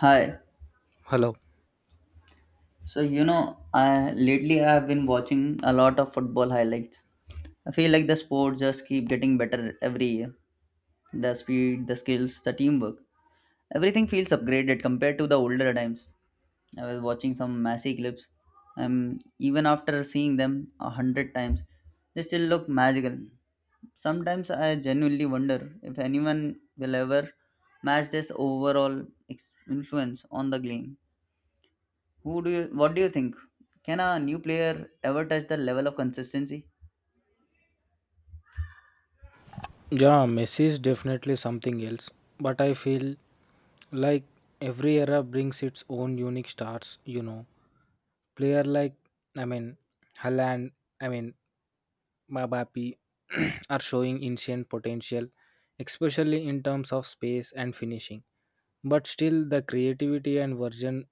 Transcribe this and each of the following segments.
Hi. Hello. I lately I have been watching a lot of football highlights. I feel like the sport just keep getting better every year. The speed, the skills, the teamwork, everything feels upgraded compared to the older times. I was watching some Messi clips, and even after seeing them 100 times, they still look magical. Sometimes I genuinely wonder if anyone will ever match this overall influence on the game. Who do you? What do you think? Can a new player ever touch the level of consistency? Yeah, Messi is definitely something else, but I feel like every era brings its own unique stars, Player like, I mean, Haaland, I mean, Mbappe are showing ancient potential, especially in terms of space and finishing. But still, the creativity and version,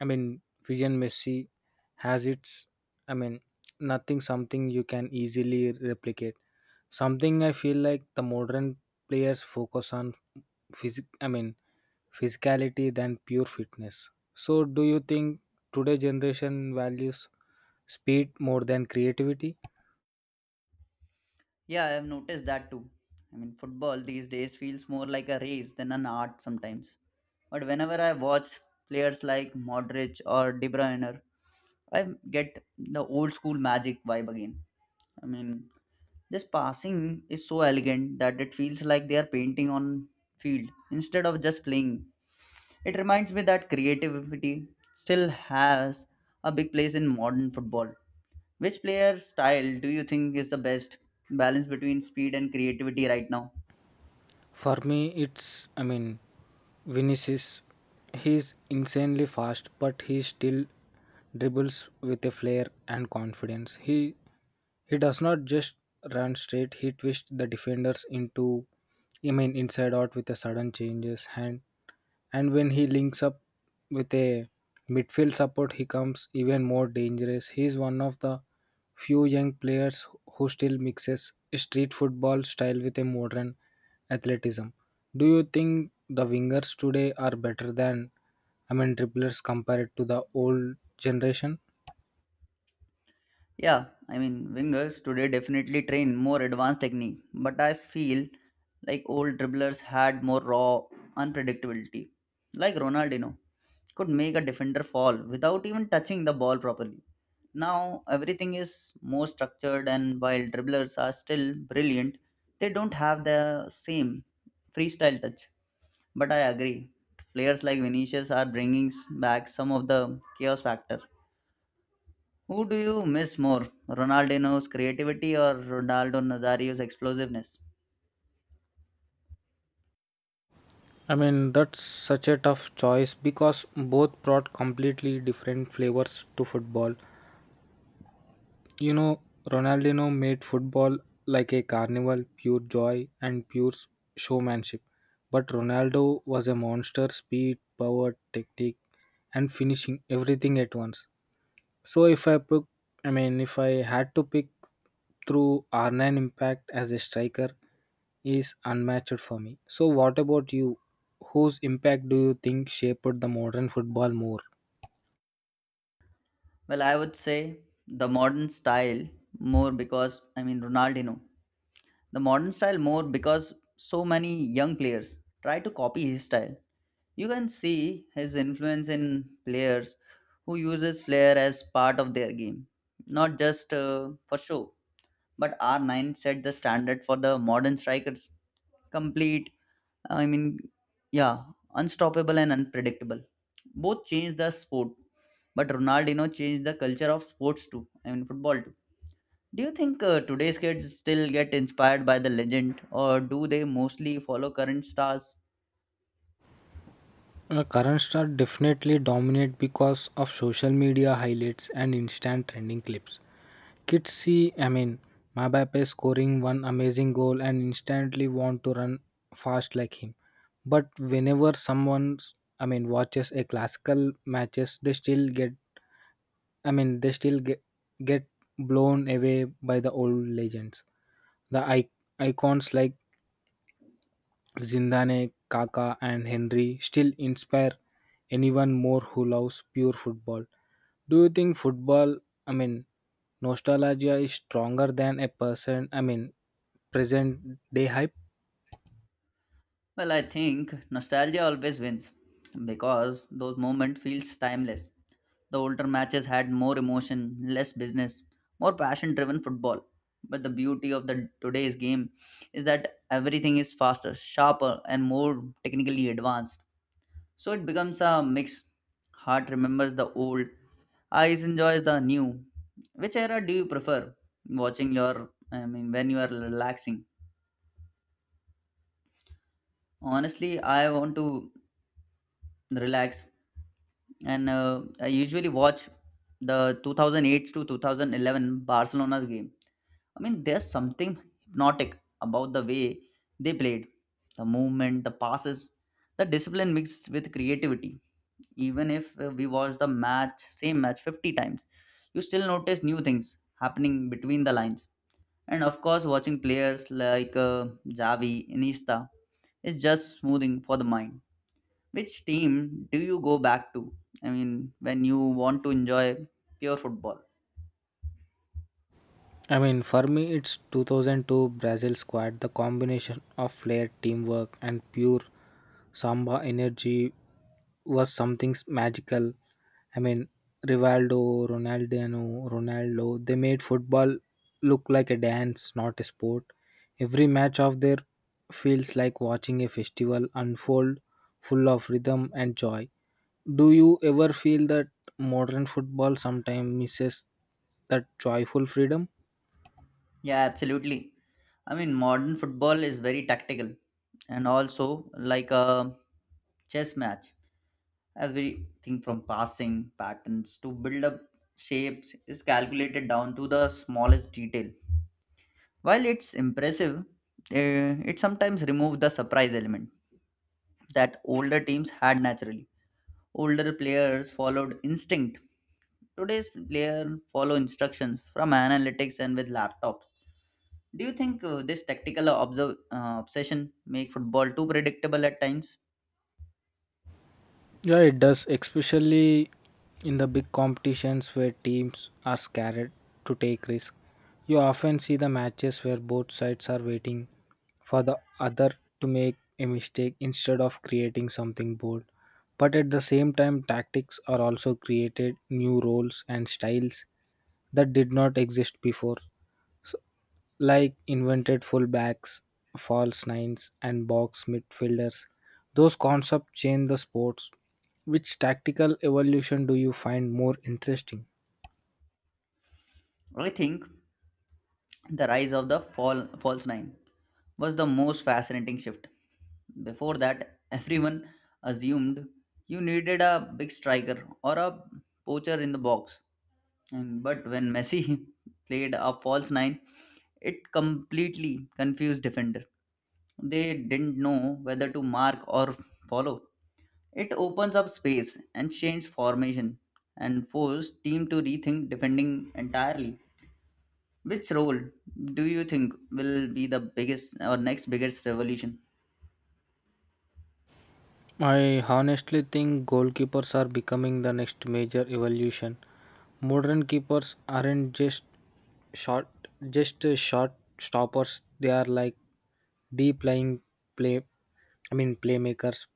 I mean, vision Messi has its, I mean, nothing something you can easily replicate. Something I feel like the modern players focus on physic I mean physicality than pure fitness. So do you think today generation values speed more than creativity? Yeah, I have noticed that too. I mean, football these days feels more like a race than an art sometimes. But whenever I watch players like Modric or De Bruyne, I get the old school magic vibe again. I mean, this passing is so elegant that it feels like they are painting on field instead of just playing. It reminds me that creativity still has a big place in modern football. Which player style do you think is the best balance between speed and creativity right now? For me it's Vinicius, he's insanely fast but he still dribbles with a flair and confidence. He does not just run straight, he twists the defenders into I mean inside out with a sudden changes and when he links up with a midfield support, he comes even more dangerous. He is one of the few young players who still mixes street football style with a modern athleticism. Do you think the wingers today are better than, dribblers compared to the old generation? Yeah, I mean, wingers today definitely train more advanced technique, but I feel like old dribblers had more raw unpredictability. Like Ronaldinho could make a defender fall without even touching the ball properly. Now everything is more structured, and while dribblers are still brilliant, they don't have the same freestyle touch. But I agree, players like Vinicius are bringing back some of the chaos factor. Who do you miss more, Ronaldinho's creativity or Ronaldo Nazario's explosiveness? That's such a tough choice because both brought completely different flavors to football. You know, Ronaldinho made football like a carnival, pure joy and pure showmanship. But Ronaldo was a monster speed, power, technique, and finishing everything at once. So if I pick, I mean, if I had to pick through R9 impact as a striker is unmatched for me. So what about you? Whose impact do you think shaped the modern football more? Well, I would say the modern style more because I mean Ronaldinho. The modern style more because so many young players try to copy his style. You can see his influence in players who uses flair as part of their game, not just for show, but R9 set the standard for the modern strikers. Complete, uh, I mean, yeah, unstoppable and unpredictable. Both changed the sport, but Ronaldinho changed the culture of sports too. I mean, football too. Do you think today's kids still get inspired by the legend, or do they mostly follow current stars? Current star definitely dominate because of social media highlights and instant trending clips. Kids see, Mabape scoring one amazing goal and instantly want to run fast like him. But whenever someone, watches a classical matches, they still get blown away by the old legends. The icons like Zindane, Kaká, and Henry still inspire anyone more who loves pure football. Do you think football, I mean, nostalgia is stronger than a person, present day hype? Well, I think nostalgia always wins because those moments feels timeless. The older matches had more emotion, less business, more passion driven football. But the beauty of the today's game is that everything is faster, sharper and more technically advanced. So it becomes a mix. Heart remembers the old, eyes enjoys the new. Which era do you prefer watching your I mean when you are relaxing? Honestly, I want to relax and I usually watch the 2008 to 2011 Barcelona's game. I mean, there's something hypnotic about the way they played. The movement, the passes, the discipline mixed with creativity. Even if we watch same match 50 times, you still notice new things happening between the lines. And of course, watching players like Xavi, Iniesta is just smoothing for the mind. Which team do you go back to? I mean, when you want to enjoy pure football? For me, it's 2002 Brazil squad. The combination of flair, teamwork, and pure samba energy was something magical. I mean, Rivaldo, Ronaldinho, Ronaldo, they made football look like a dance, not a sport. Every match of their feels like watching a festival unfold full of rhythm and joy. Do you ever feel that modern football sometimes misses that joyful freedom? Yeah, absolutely. I mean, modern football is very tactical and also like a chess match. Everything from passing patterns to build up shapes is calculated down to the smallest detail. While it's impressive, it sometimes removes the surprise element that older teams had naturally. Older players followed instinct. Today's player follow instructions from analytics and with laptops. Do you think this obsession make football too predictable at times? Yeah, it does, especially in the big competitions where teams are scared to take risks. You often see the matches where both sides are waiting for the other to make a mistake instead of creating something bold. But at the same time, tactics are also created new roles and styles that did not exist before. So, like invented fullbacks, false nines, and box midfielders. Those concepts change the sports. Which tactical evolution do you find more interesting? I think the rise of the false nine was the most fascinating shift. Before that, everyone assumed you needed a big striker or a poacher in the box. But when Messi played a false nine, it completely confused defender. They didn't know whether to mark or follow. It opens up space and change formation and force team to rethink defending entirely. Which role do you think will be the biggest or next biggest revolution? I honestly think goalkeepers are becoming the next major evolution. Modern keepers aren't short, just short stoppers. They are like deep lying play. Playmakers.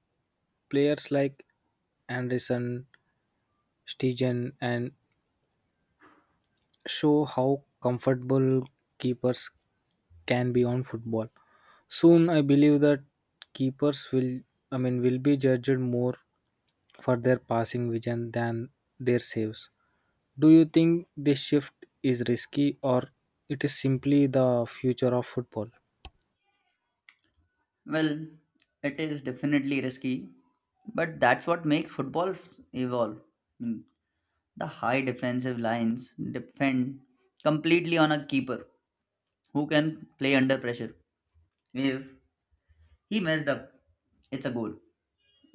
Players like Anderson, Stegen, and show how comfortable keepers can be on football. Soon, I believe that keepers will be judged more for their passing vision than their saves. Do you think this shift is risky or it is simply the future of football? Well, it is definitely risky, but that's what makes football evolve. Mm, The high defensive lines depend completely on a keeper who can play under pressure. If he messed up, it's a goal.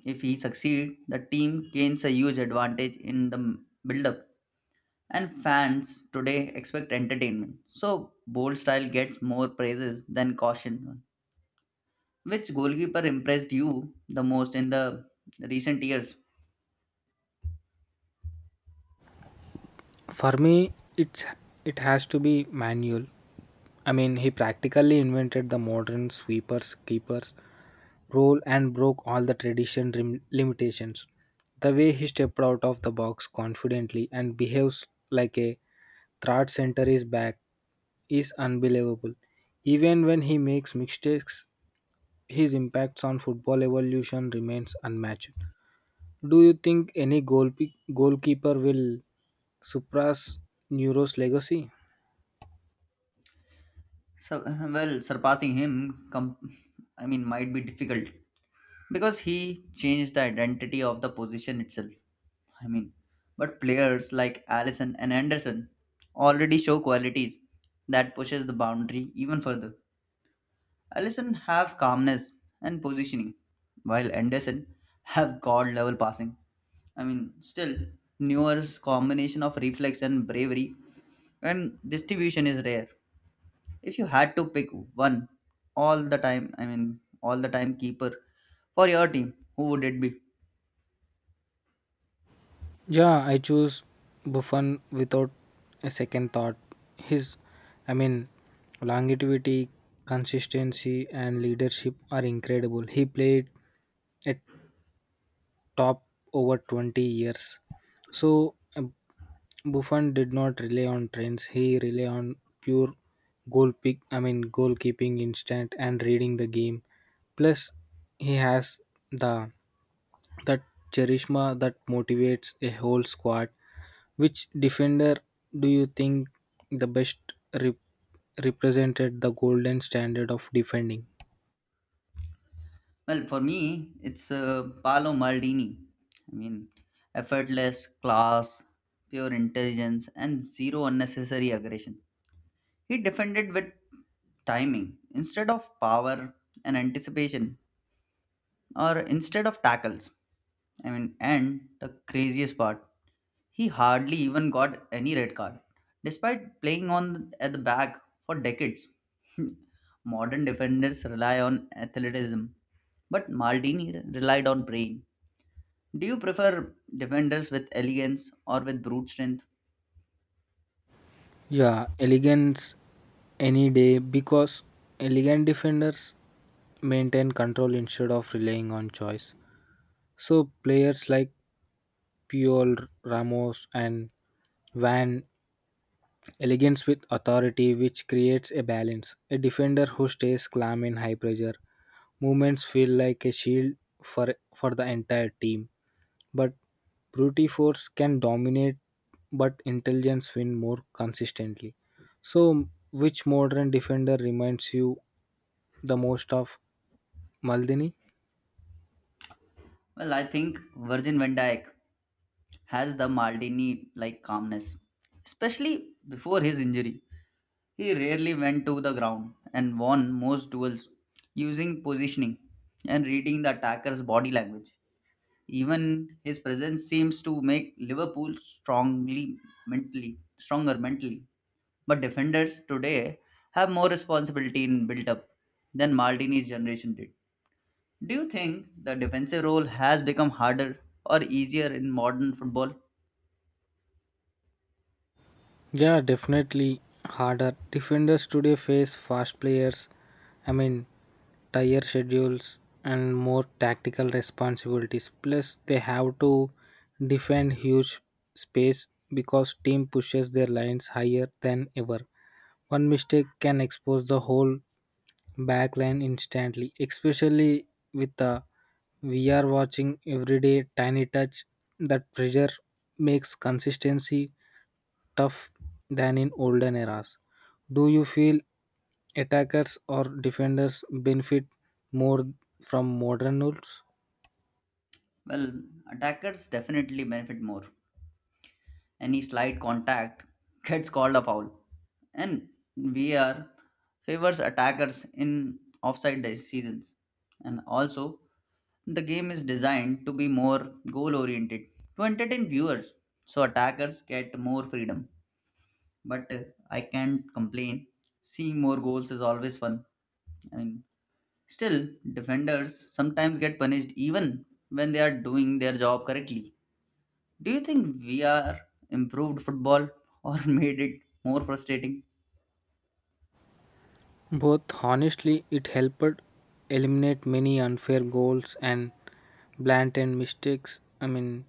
If he succeeds, the team gains a huge advantage in the build up, and fans today expect entertainment. So, bold style gets more praises than caution. Which goalkeeper impressed you the most in the recent years? For me, it's it has to be manual. He practically invented the modern sweepers keepers role and broke all the tradition limitations. The way he stepped out of the box confidently and behaves like a third center is back is unbelievable. Even when he makes mistakes, his impacts on football evolution remains unmatched. Do you think any goalkeeper will surpass Neuro's legacy? So, well, surpassing him, I mean, might be difficult, because he changed the identity of the position itself. I mean, but players like Allison and Anderson already show qualities that pushes the boundary even further. Allison have calmness and positioning, while Anderson have god level passing. I mean, still Neuer's combination of reflex and bravery and distribution is rare. If you had to pick one all the time keeper for your team, who would it be? Yeah, I choose Buffon without a second thought. His, I mean, longevity, consistency, and leadership are incredible. He played at top over 20 years. So Buffon did not rely on trends. He relied on pure goal pick. I mean goalkeeping instinct and reading the game. Plus, he has the that charisma that motivates a whole squad. Which defender do you think the best rep- represented the golden standard of defending? Well, for me, it's Paolo Maldini. I mean, effortless, class, pure intelligence, and zero unnecessary aggression. He defended with timing instead of power and anticipation, or instead of tackles. I mean, and the craziest part, he hardly even got any red card, despite playing on at the back for decades. Modern defenders rely on athleticism, but Maldini relied on brain. Do you prefer defenders with elegance or with brute strength? Yeah, elegance any day because elegant defenders maintain control instead of relying on choice. So players like Puyol, Ramos, and Van elegance with authority, which creates a balance. A defender who stays calm in high pressure movements feel like a shield for the entire team. But brute force can dominate, but intelligence win more consistently. So, which modern defender reminds you the most of Maldini? Well, I think Virgin van Dijk has the Maldini like calmness, especially before his injury. He rarely went to the ground and won most duels using positioning and reading the attacker's body language. Even his presence seems to make Liverpool strongly mentally stronger mentally. But defenders today have more responsibility in build up than Maldini's generation did. Do you think the defensive role has become harder or easier in modern football? Yeah, definitely harder. Defenders today face fast players, I mean, tighter schedules and more tactical responsibilities. Plus, they have to defend huge space because team pushes their lines higher than ever. One mistake can expose the whole back line instantly, especially with the we are watching everyday tiny touch that pressure makes consistency tough than in olden eras. Do you feel attackers or defenders benefit more from modern rules? Well, attackers definitely benefit more. Any slight contact gets called a foul, and VR favors attackers in offside decisions. And also, the game is designed to be more goal oriented to entertain viewers, so attackers get more freedom. But I can't complain. Seeing more goals is always fun. I mean, Still, defenders sometimes get punished even when they are doing their job correctly. Do you think VR improved football or made it more frustrating? Both honestly, it helped eliminate many unfair goals and blatant mistakes.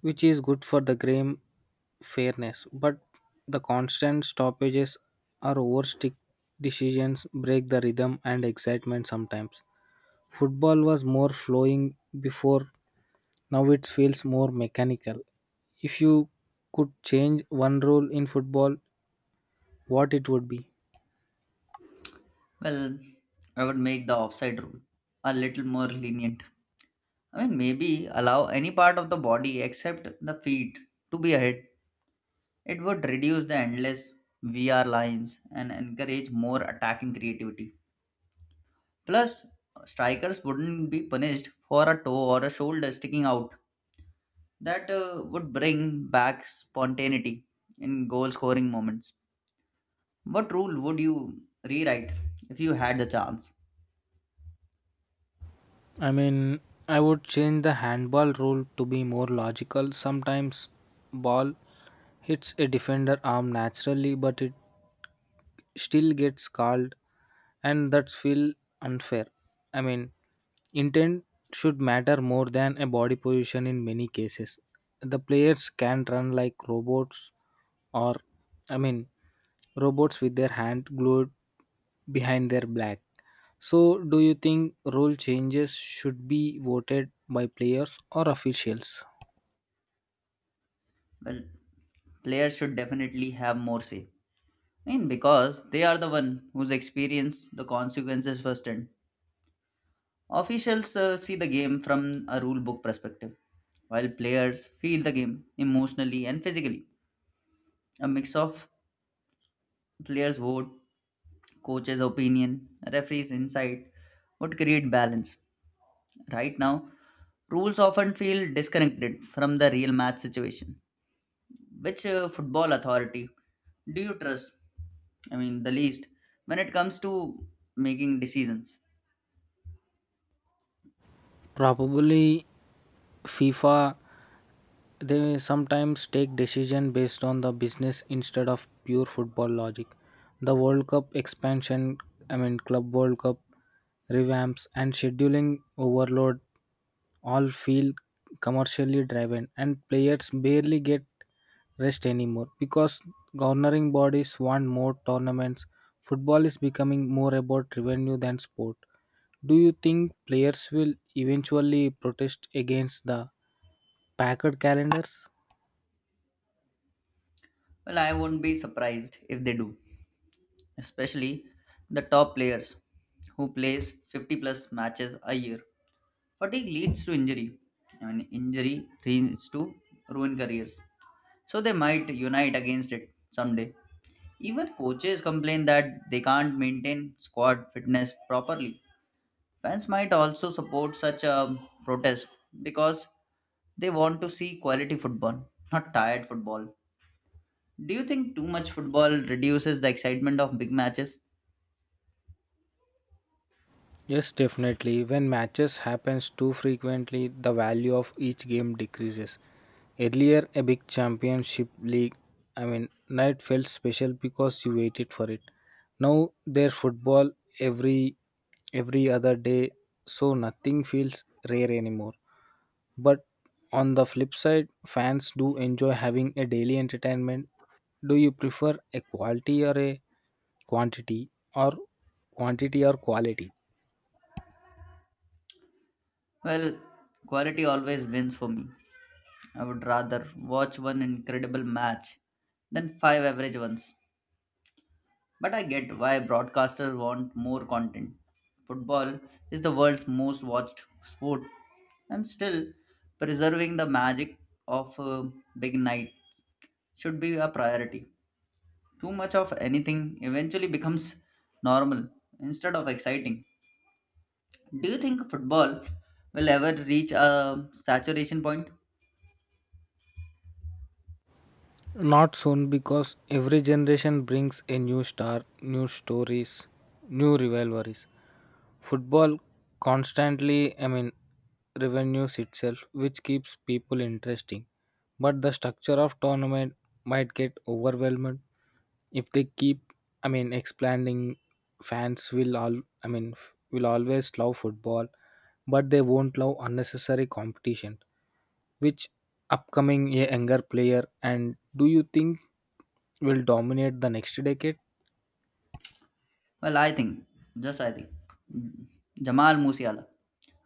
Which is good for the game fairness, but the constant stoppages or overstick decisions break the rhythm and excitement sometimes. Football was more flowing before, now it feels more mechanical. If you could change one rule in football, what it would be? Well, I would make the offside rule a little more lenient. I mean, maybe allow any part of the body except the feet to be ahead. It would reduce the endless VR lines and encourage more attacking creativity. Plus, strikers wouldn't be punished for a toe or a shoulder sticking out. That would bring back spontaneity in goal scoring moments. What rule would you rewrite if you had the chance? i mean I would change the handball rule to be more logical. Sometimes ball hits a defender arm naturally but it still gets called and that's feel unfair. i mean Intent should matter more than a body position in many cases. The players can run like robots or, i mean robots with their hand glued behind their back. So do you think role changes should be voted by players or officials? Well, players should definitely have more say. I mean, because they are the one who's experienced the consequences firsthand. Officials see the game from a rule book perspective, while players feel the game emotionally and physically. A mix of players' vote, coaches' opinion, referees' insight would create balance. Right now, rules often feel disconnected from the real match situation. Which football authority do you trust, I mean, the least, when it comes to making decisions? Probably FIFA. They sometimes take decision based on the business instead of pure football logic. The World Cup expansion, Club World Cup revamps and scheduling overload all feel commercially driven and players barely get rest anymore because governing bodies want more tournaments. Football is becoming more about revenue than sport. Do you think players will eventually protest against the packed calendars? Well, I won't be surprised if they do, especially the top players who plays 50 plus matches a year. Fatigue leads to injury. Injury leads to ruin careers. So they might unite against it someday. Even coaches complain that they can't maintain squad fitness properly. Fans might also support such a protest because they want to see quality football, not tired football. Do you think too much football reduces the excitement of big matches? Yes, definitely. When matches happens too frequently, the value of each game decreases. Earlier, a big championship league, night felt special because you waited for it. Now there's football every every other day, so nothing feels rare anymore. But on the flip side, fans do enjoy having a daily entertainment. Do you prefer a quality or a quantity or quantity or quality? Well, quality always wins for me. I would rather watch one incredible match than five average ones. But I get why broadcasters want more content. Football is the world's most watched sport, and still preserving the magic of a big night should be a priority. Too much of anything eventually becomes normal instead of exciting. Do you think football will ever reach a saturation point? Not soon because every generation brings a new star, new stories, new rivalries. Football constantly, I mean, revenues itself, which keeps people interesting. But the structure of tournament might get overwhelmed if they keep, expanding. Fans will all, I mean, f- will always love football, but they won't love unnecessary competition. Which upcoming a younger player and do you think will dominate the next decade? Well, I think, just I think, Jamal Musiala,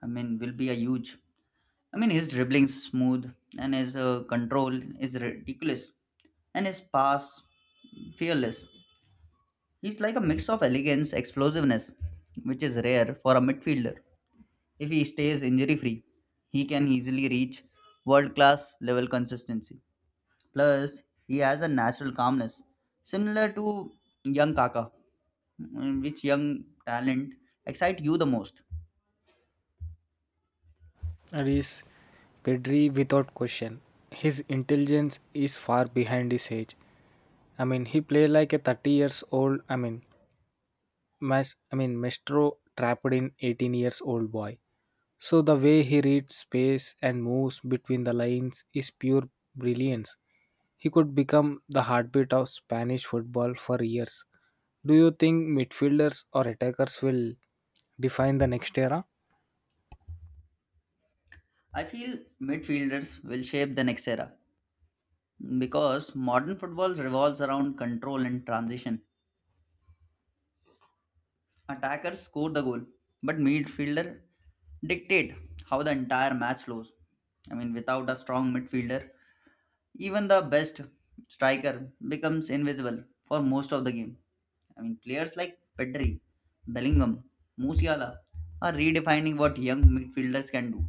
I mean, will be a huge. I mean, his dribbling smooth and his control is ridiculous and his pass fearless. He's like a mix of elegance, explosiveness, which is rare for a midfielder. If he stays injury free, he can easily reach world class level consistency. Plus, he has a natural calmness similar to young Kaka. In which young talent excite you the most? Is Pedri without question. His intelligence is far behind his age. He play like a 30 years old. Mestro trapped in 18 years old boy. So the way he reads space and moves between the lines is pure brilliance. He could become the heartbeat of Spanish football for years. Do you think midfielders or attackers will define the next era? I feel midfielders will shape the next era, because modern football revolves around control and transition. Attackers score the goal, but midfielder dictate how the entire match flows. I mean, without a strong midfielder, even the best striker becomes invisible for most of the game. I mean, players like Pedri, Bellingham, Musiala are redefining what young midfielders can do.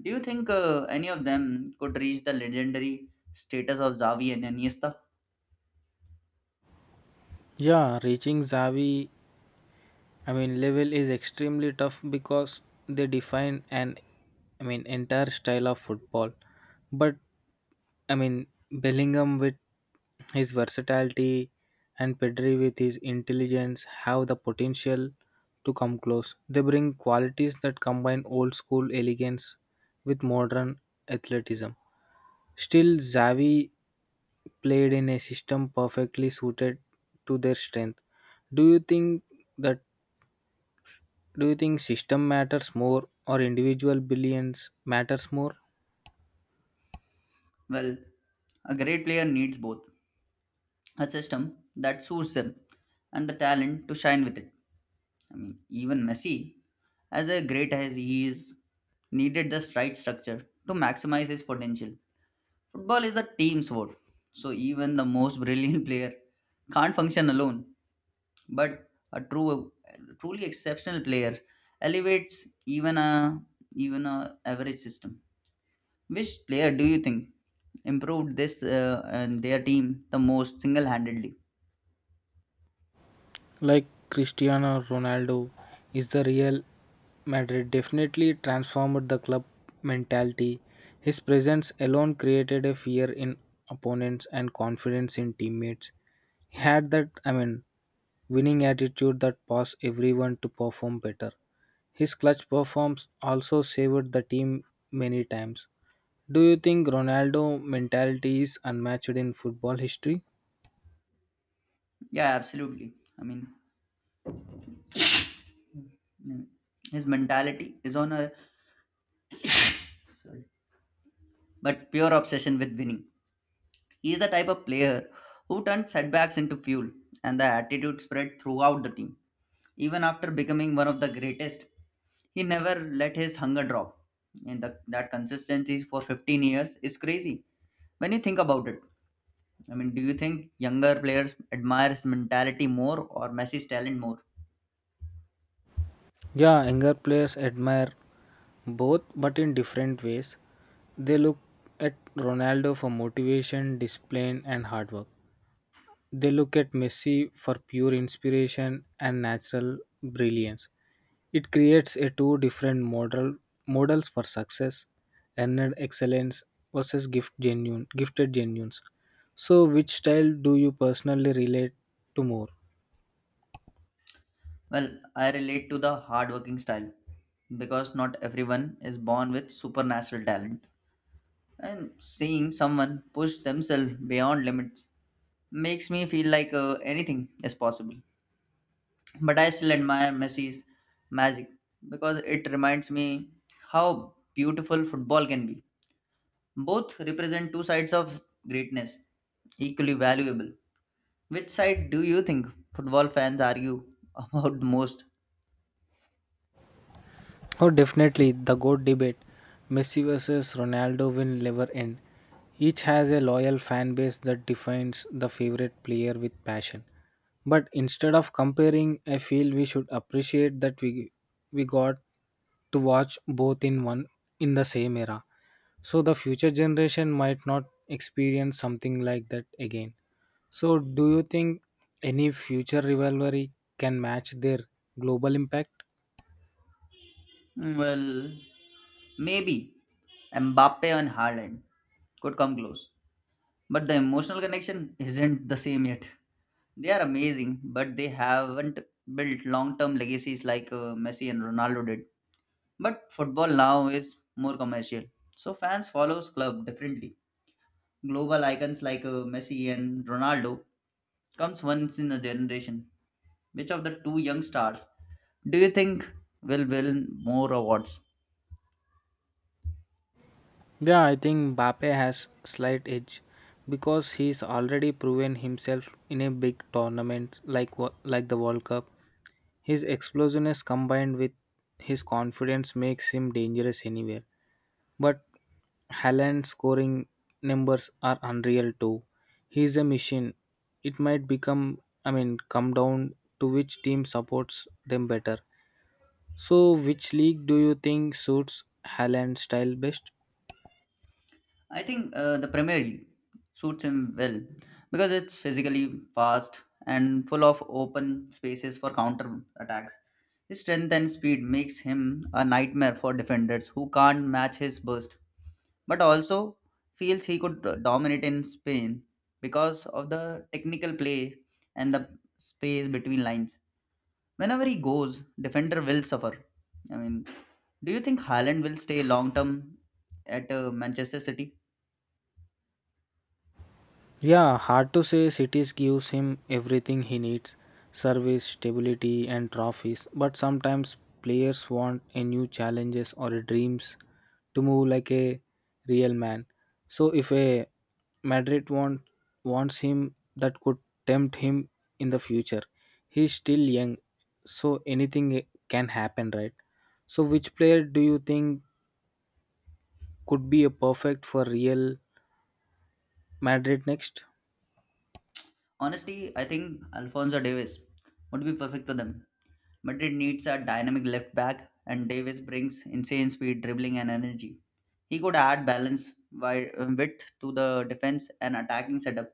Do you think any of them could reach the legendary status of Xavi and Iniesta? Yeah, reaching Xavi level is extremely tough because they define an, entire style of football. But Bellingham with his versatility and Pedri with his intelligence have the potential to come close. They bring qualities that combine old school elegance with modern athleticism. Still, Xavi played in a system perfectly suited to their strength. Do you think that do you think system matters more or individual brilliance matters more? Well, a great player needs both a system that suits them and the talent to shine with it. I mean, even Messi, as a great as he is, needed the right structure to maximize his potential. Football is a team sport, so even the most brilliant player can't function alone. But a truly exceptional player elevates even a average system. Which player do you think improved this and their team the most single-handedly? Like Cristiano Ronaldo is the real Madrid, definitely transformed the club mentality. His presence alone created a fear in opponents and confidence in teammates. He had that, winning attitude that caused everyone to perform better. His clutch performance also saved the team many times. Do you think Ronaldo mentality is unmatched in football history? Yeah, absolutely. I mean, mm, his mentality is on a sorry, but pure obsession with winning. He is the type of player who turned setbacks into fuel, and the attitude spread throughout the team. Even after becoming one of the greatest, he never let his hunger drop. And that consistency for 15 years is crazy when you think about it. I mean, do you think younger players admire his mentality more or Messi's talent more? Yeah, younger players admire both, but in different ways. They look at Ronaldo for motivation, discipline, and hard work. They look at Messi for pure inspiration and natural brilliance. It creates a two different models for success, earned excellence versus gifted genuines. So, which style do you personally relate to more? Well, I relate to the hardworking style because not everyone is born with supernatural talent. And seeing someone push themselves beyond limits makes me feel like anything is possible. But I still admire Messi's magic because it reminds me how beautiful football can be. Both represent two sides of greatness, equally valuable. Which side do you think football fans argue about the most? Oh, definitely the GOAT debate. Messi versus Ronaldo will never end. Each has a loyal fan base that defines the favorite player with passion. But instead of comparing, I feel we should appreciate that we got to watch both in the same era. So the future generation might not experience something like that again. So do you think any future rivalry can match their global impact? Well, maybe Mbappe and Haaland could come close. But the emotional connection isn't the same yet. They are amazing, but they haven't built long term legacies like Messi and Ronaldo did. But football now is more commercial. So fans follows club differently. Global icons like Messi and Ronaldo comes once in a generation. Which of the two young stars do you think will win more awards? Yeah, I think Mbappe has slight edge because he's already proven himself in a big tournament like like the World Cup. His explosiveness combined with his confidence makes him dangerous anywhere. But Haaland's scoring numbers are unreal too. He's a machine. It might become come down to which team supports them better. So which league do you think suits Haaland's style best? I think the Premier League suits him well because it's physically fast and full of open spaces for counter attacks. His strength and speed makes him a nightmare for defenders who can't match his burst, but also feels he could dominate in Spain because of the technical play and the space between lines. Whenever he goes, defender will suffer. I mean, do you think Haaland will stay long term at Manchester City? Yeah, hard to say cities gives him everything he needs service, stability, and trophies. But sometimes players want a new challenges or a dreams to move like a real man. So if a Madrid want wants him that could tempt him in the future. He's still young, so anything can happen, right? So which player do you think could be a perfect for real Madrid next? Honestly, I think Alphonso Davies would be perfect for them. Madrid needs a dynamic left back, and Davies brings insane speed, dribbling, and energy. He could add balance, width to the defense and attacking setup.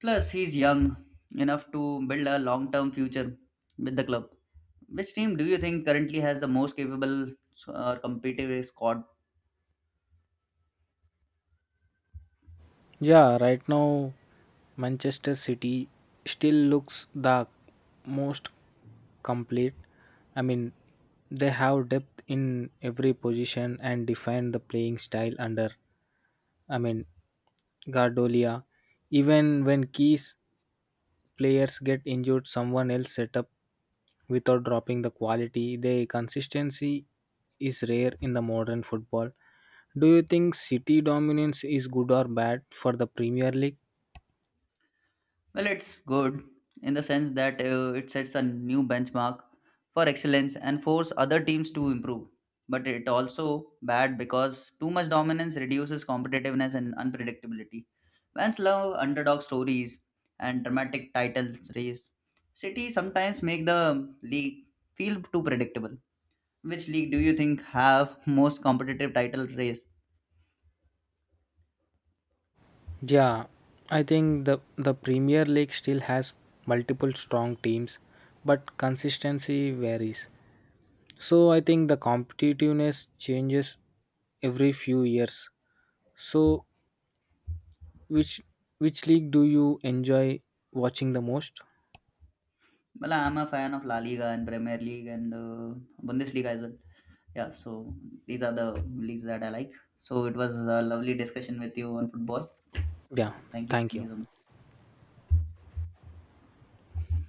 Plus, he's young enough to build a long term future with the club. Which team do you think currently has the most capable or competitive squad? Yeah, right now Manchester City still looks the most complete. I mean, they have depth in every position and define the playing style under, I mean, Guardiola. Even when key players get injured, someone else set up without dropping the quality. Their consistency is rare in the modern football. Do you think City dominance is good or bad for the Premier League? Well, it's good in the sense that it sets a new benchmark for excellence and force other teams to improve. But it also bad because too much dominance reduces competitiveness and unpredictability. Fans love underdog stories and dramatic title race. City sometimes make the league feel too predictable. Which league do you think have most competitive title race? Yeah, I think the Premier League still has multiple strong teams, but consistency varies. So I think the competitiveness changes every few years. So which which league do you enjoy watching the most? Well, I'm a fan of La Liga and Premier League and Bundesliga as well. Yeah, so these are the leagues that I like. So it was a lovely discussion with you on football. Yeah, So thank thank you. you so much.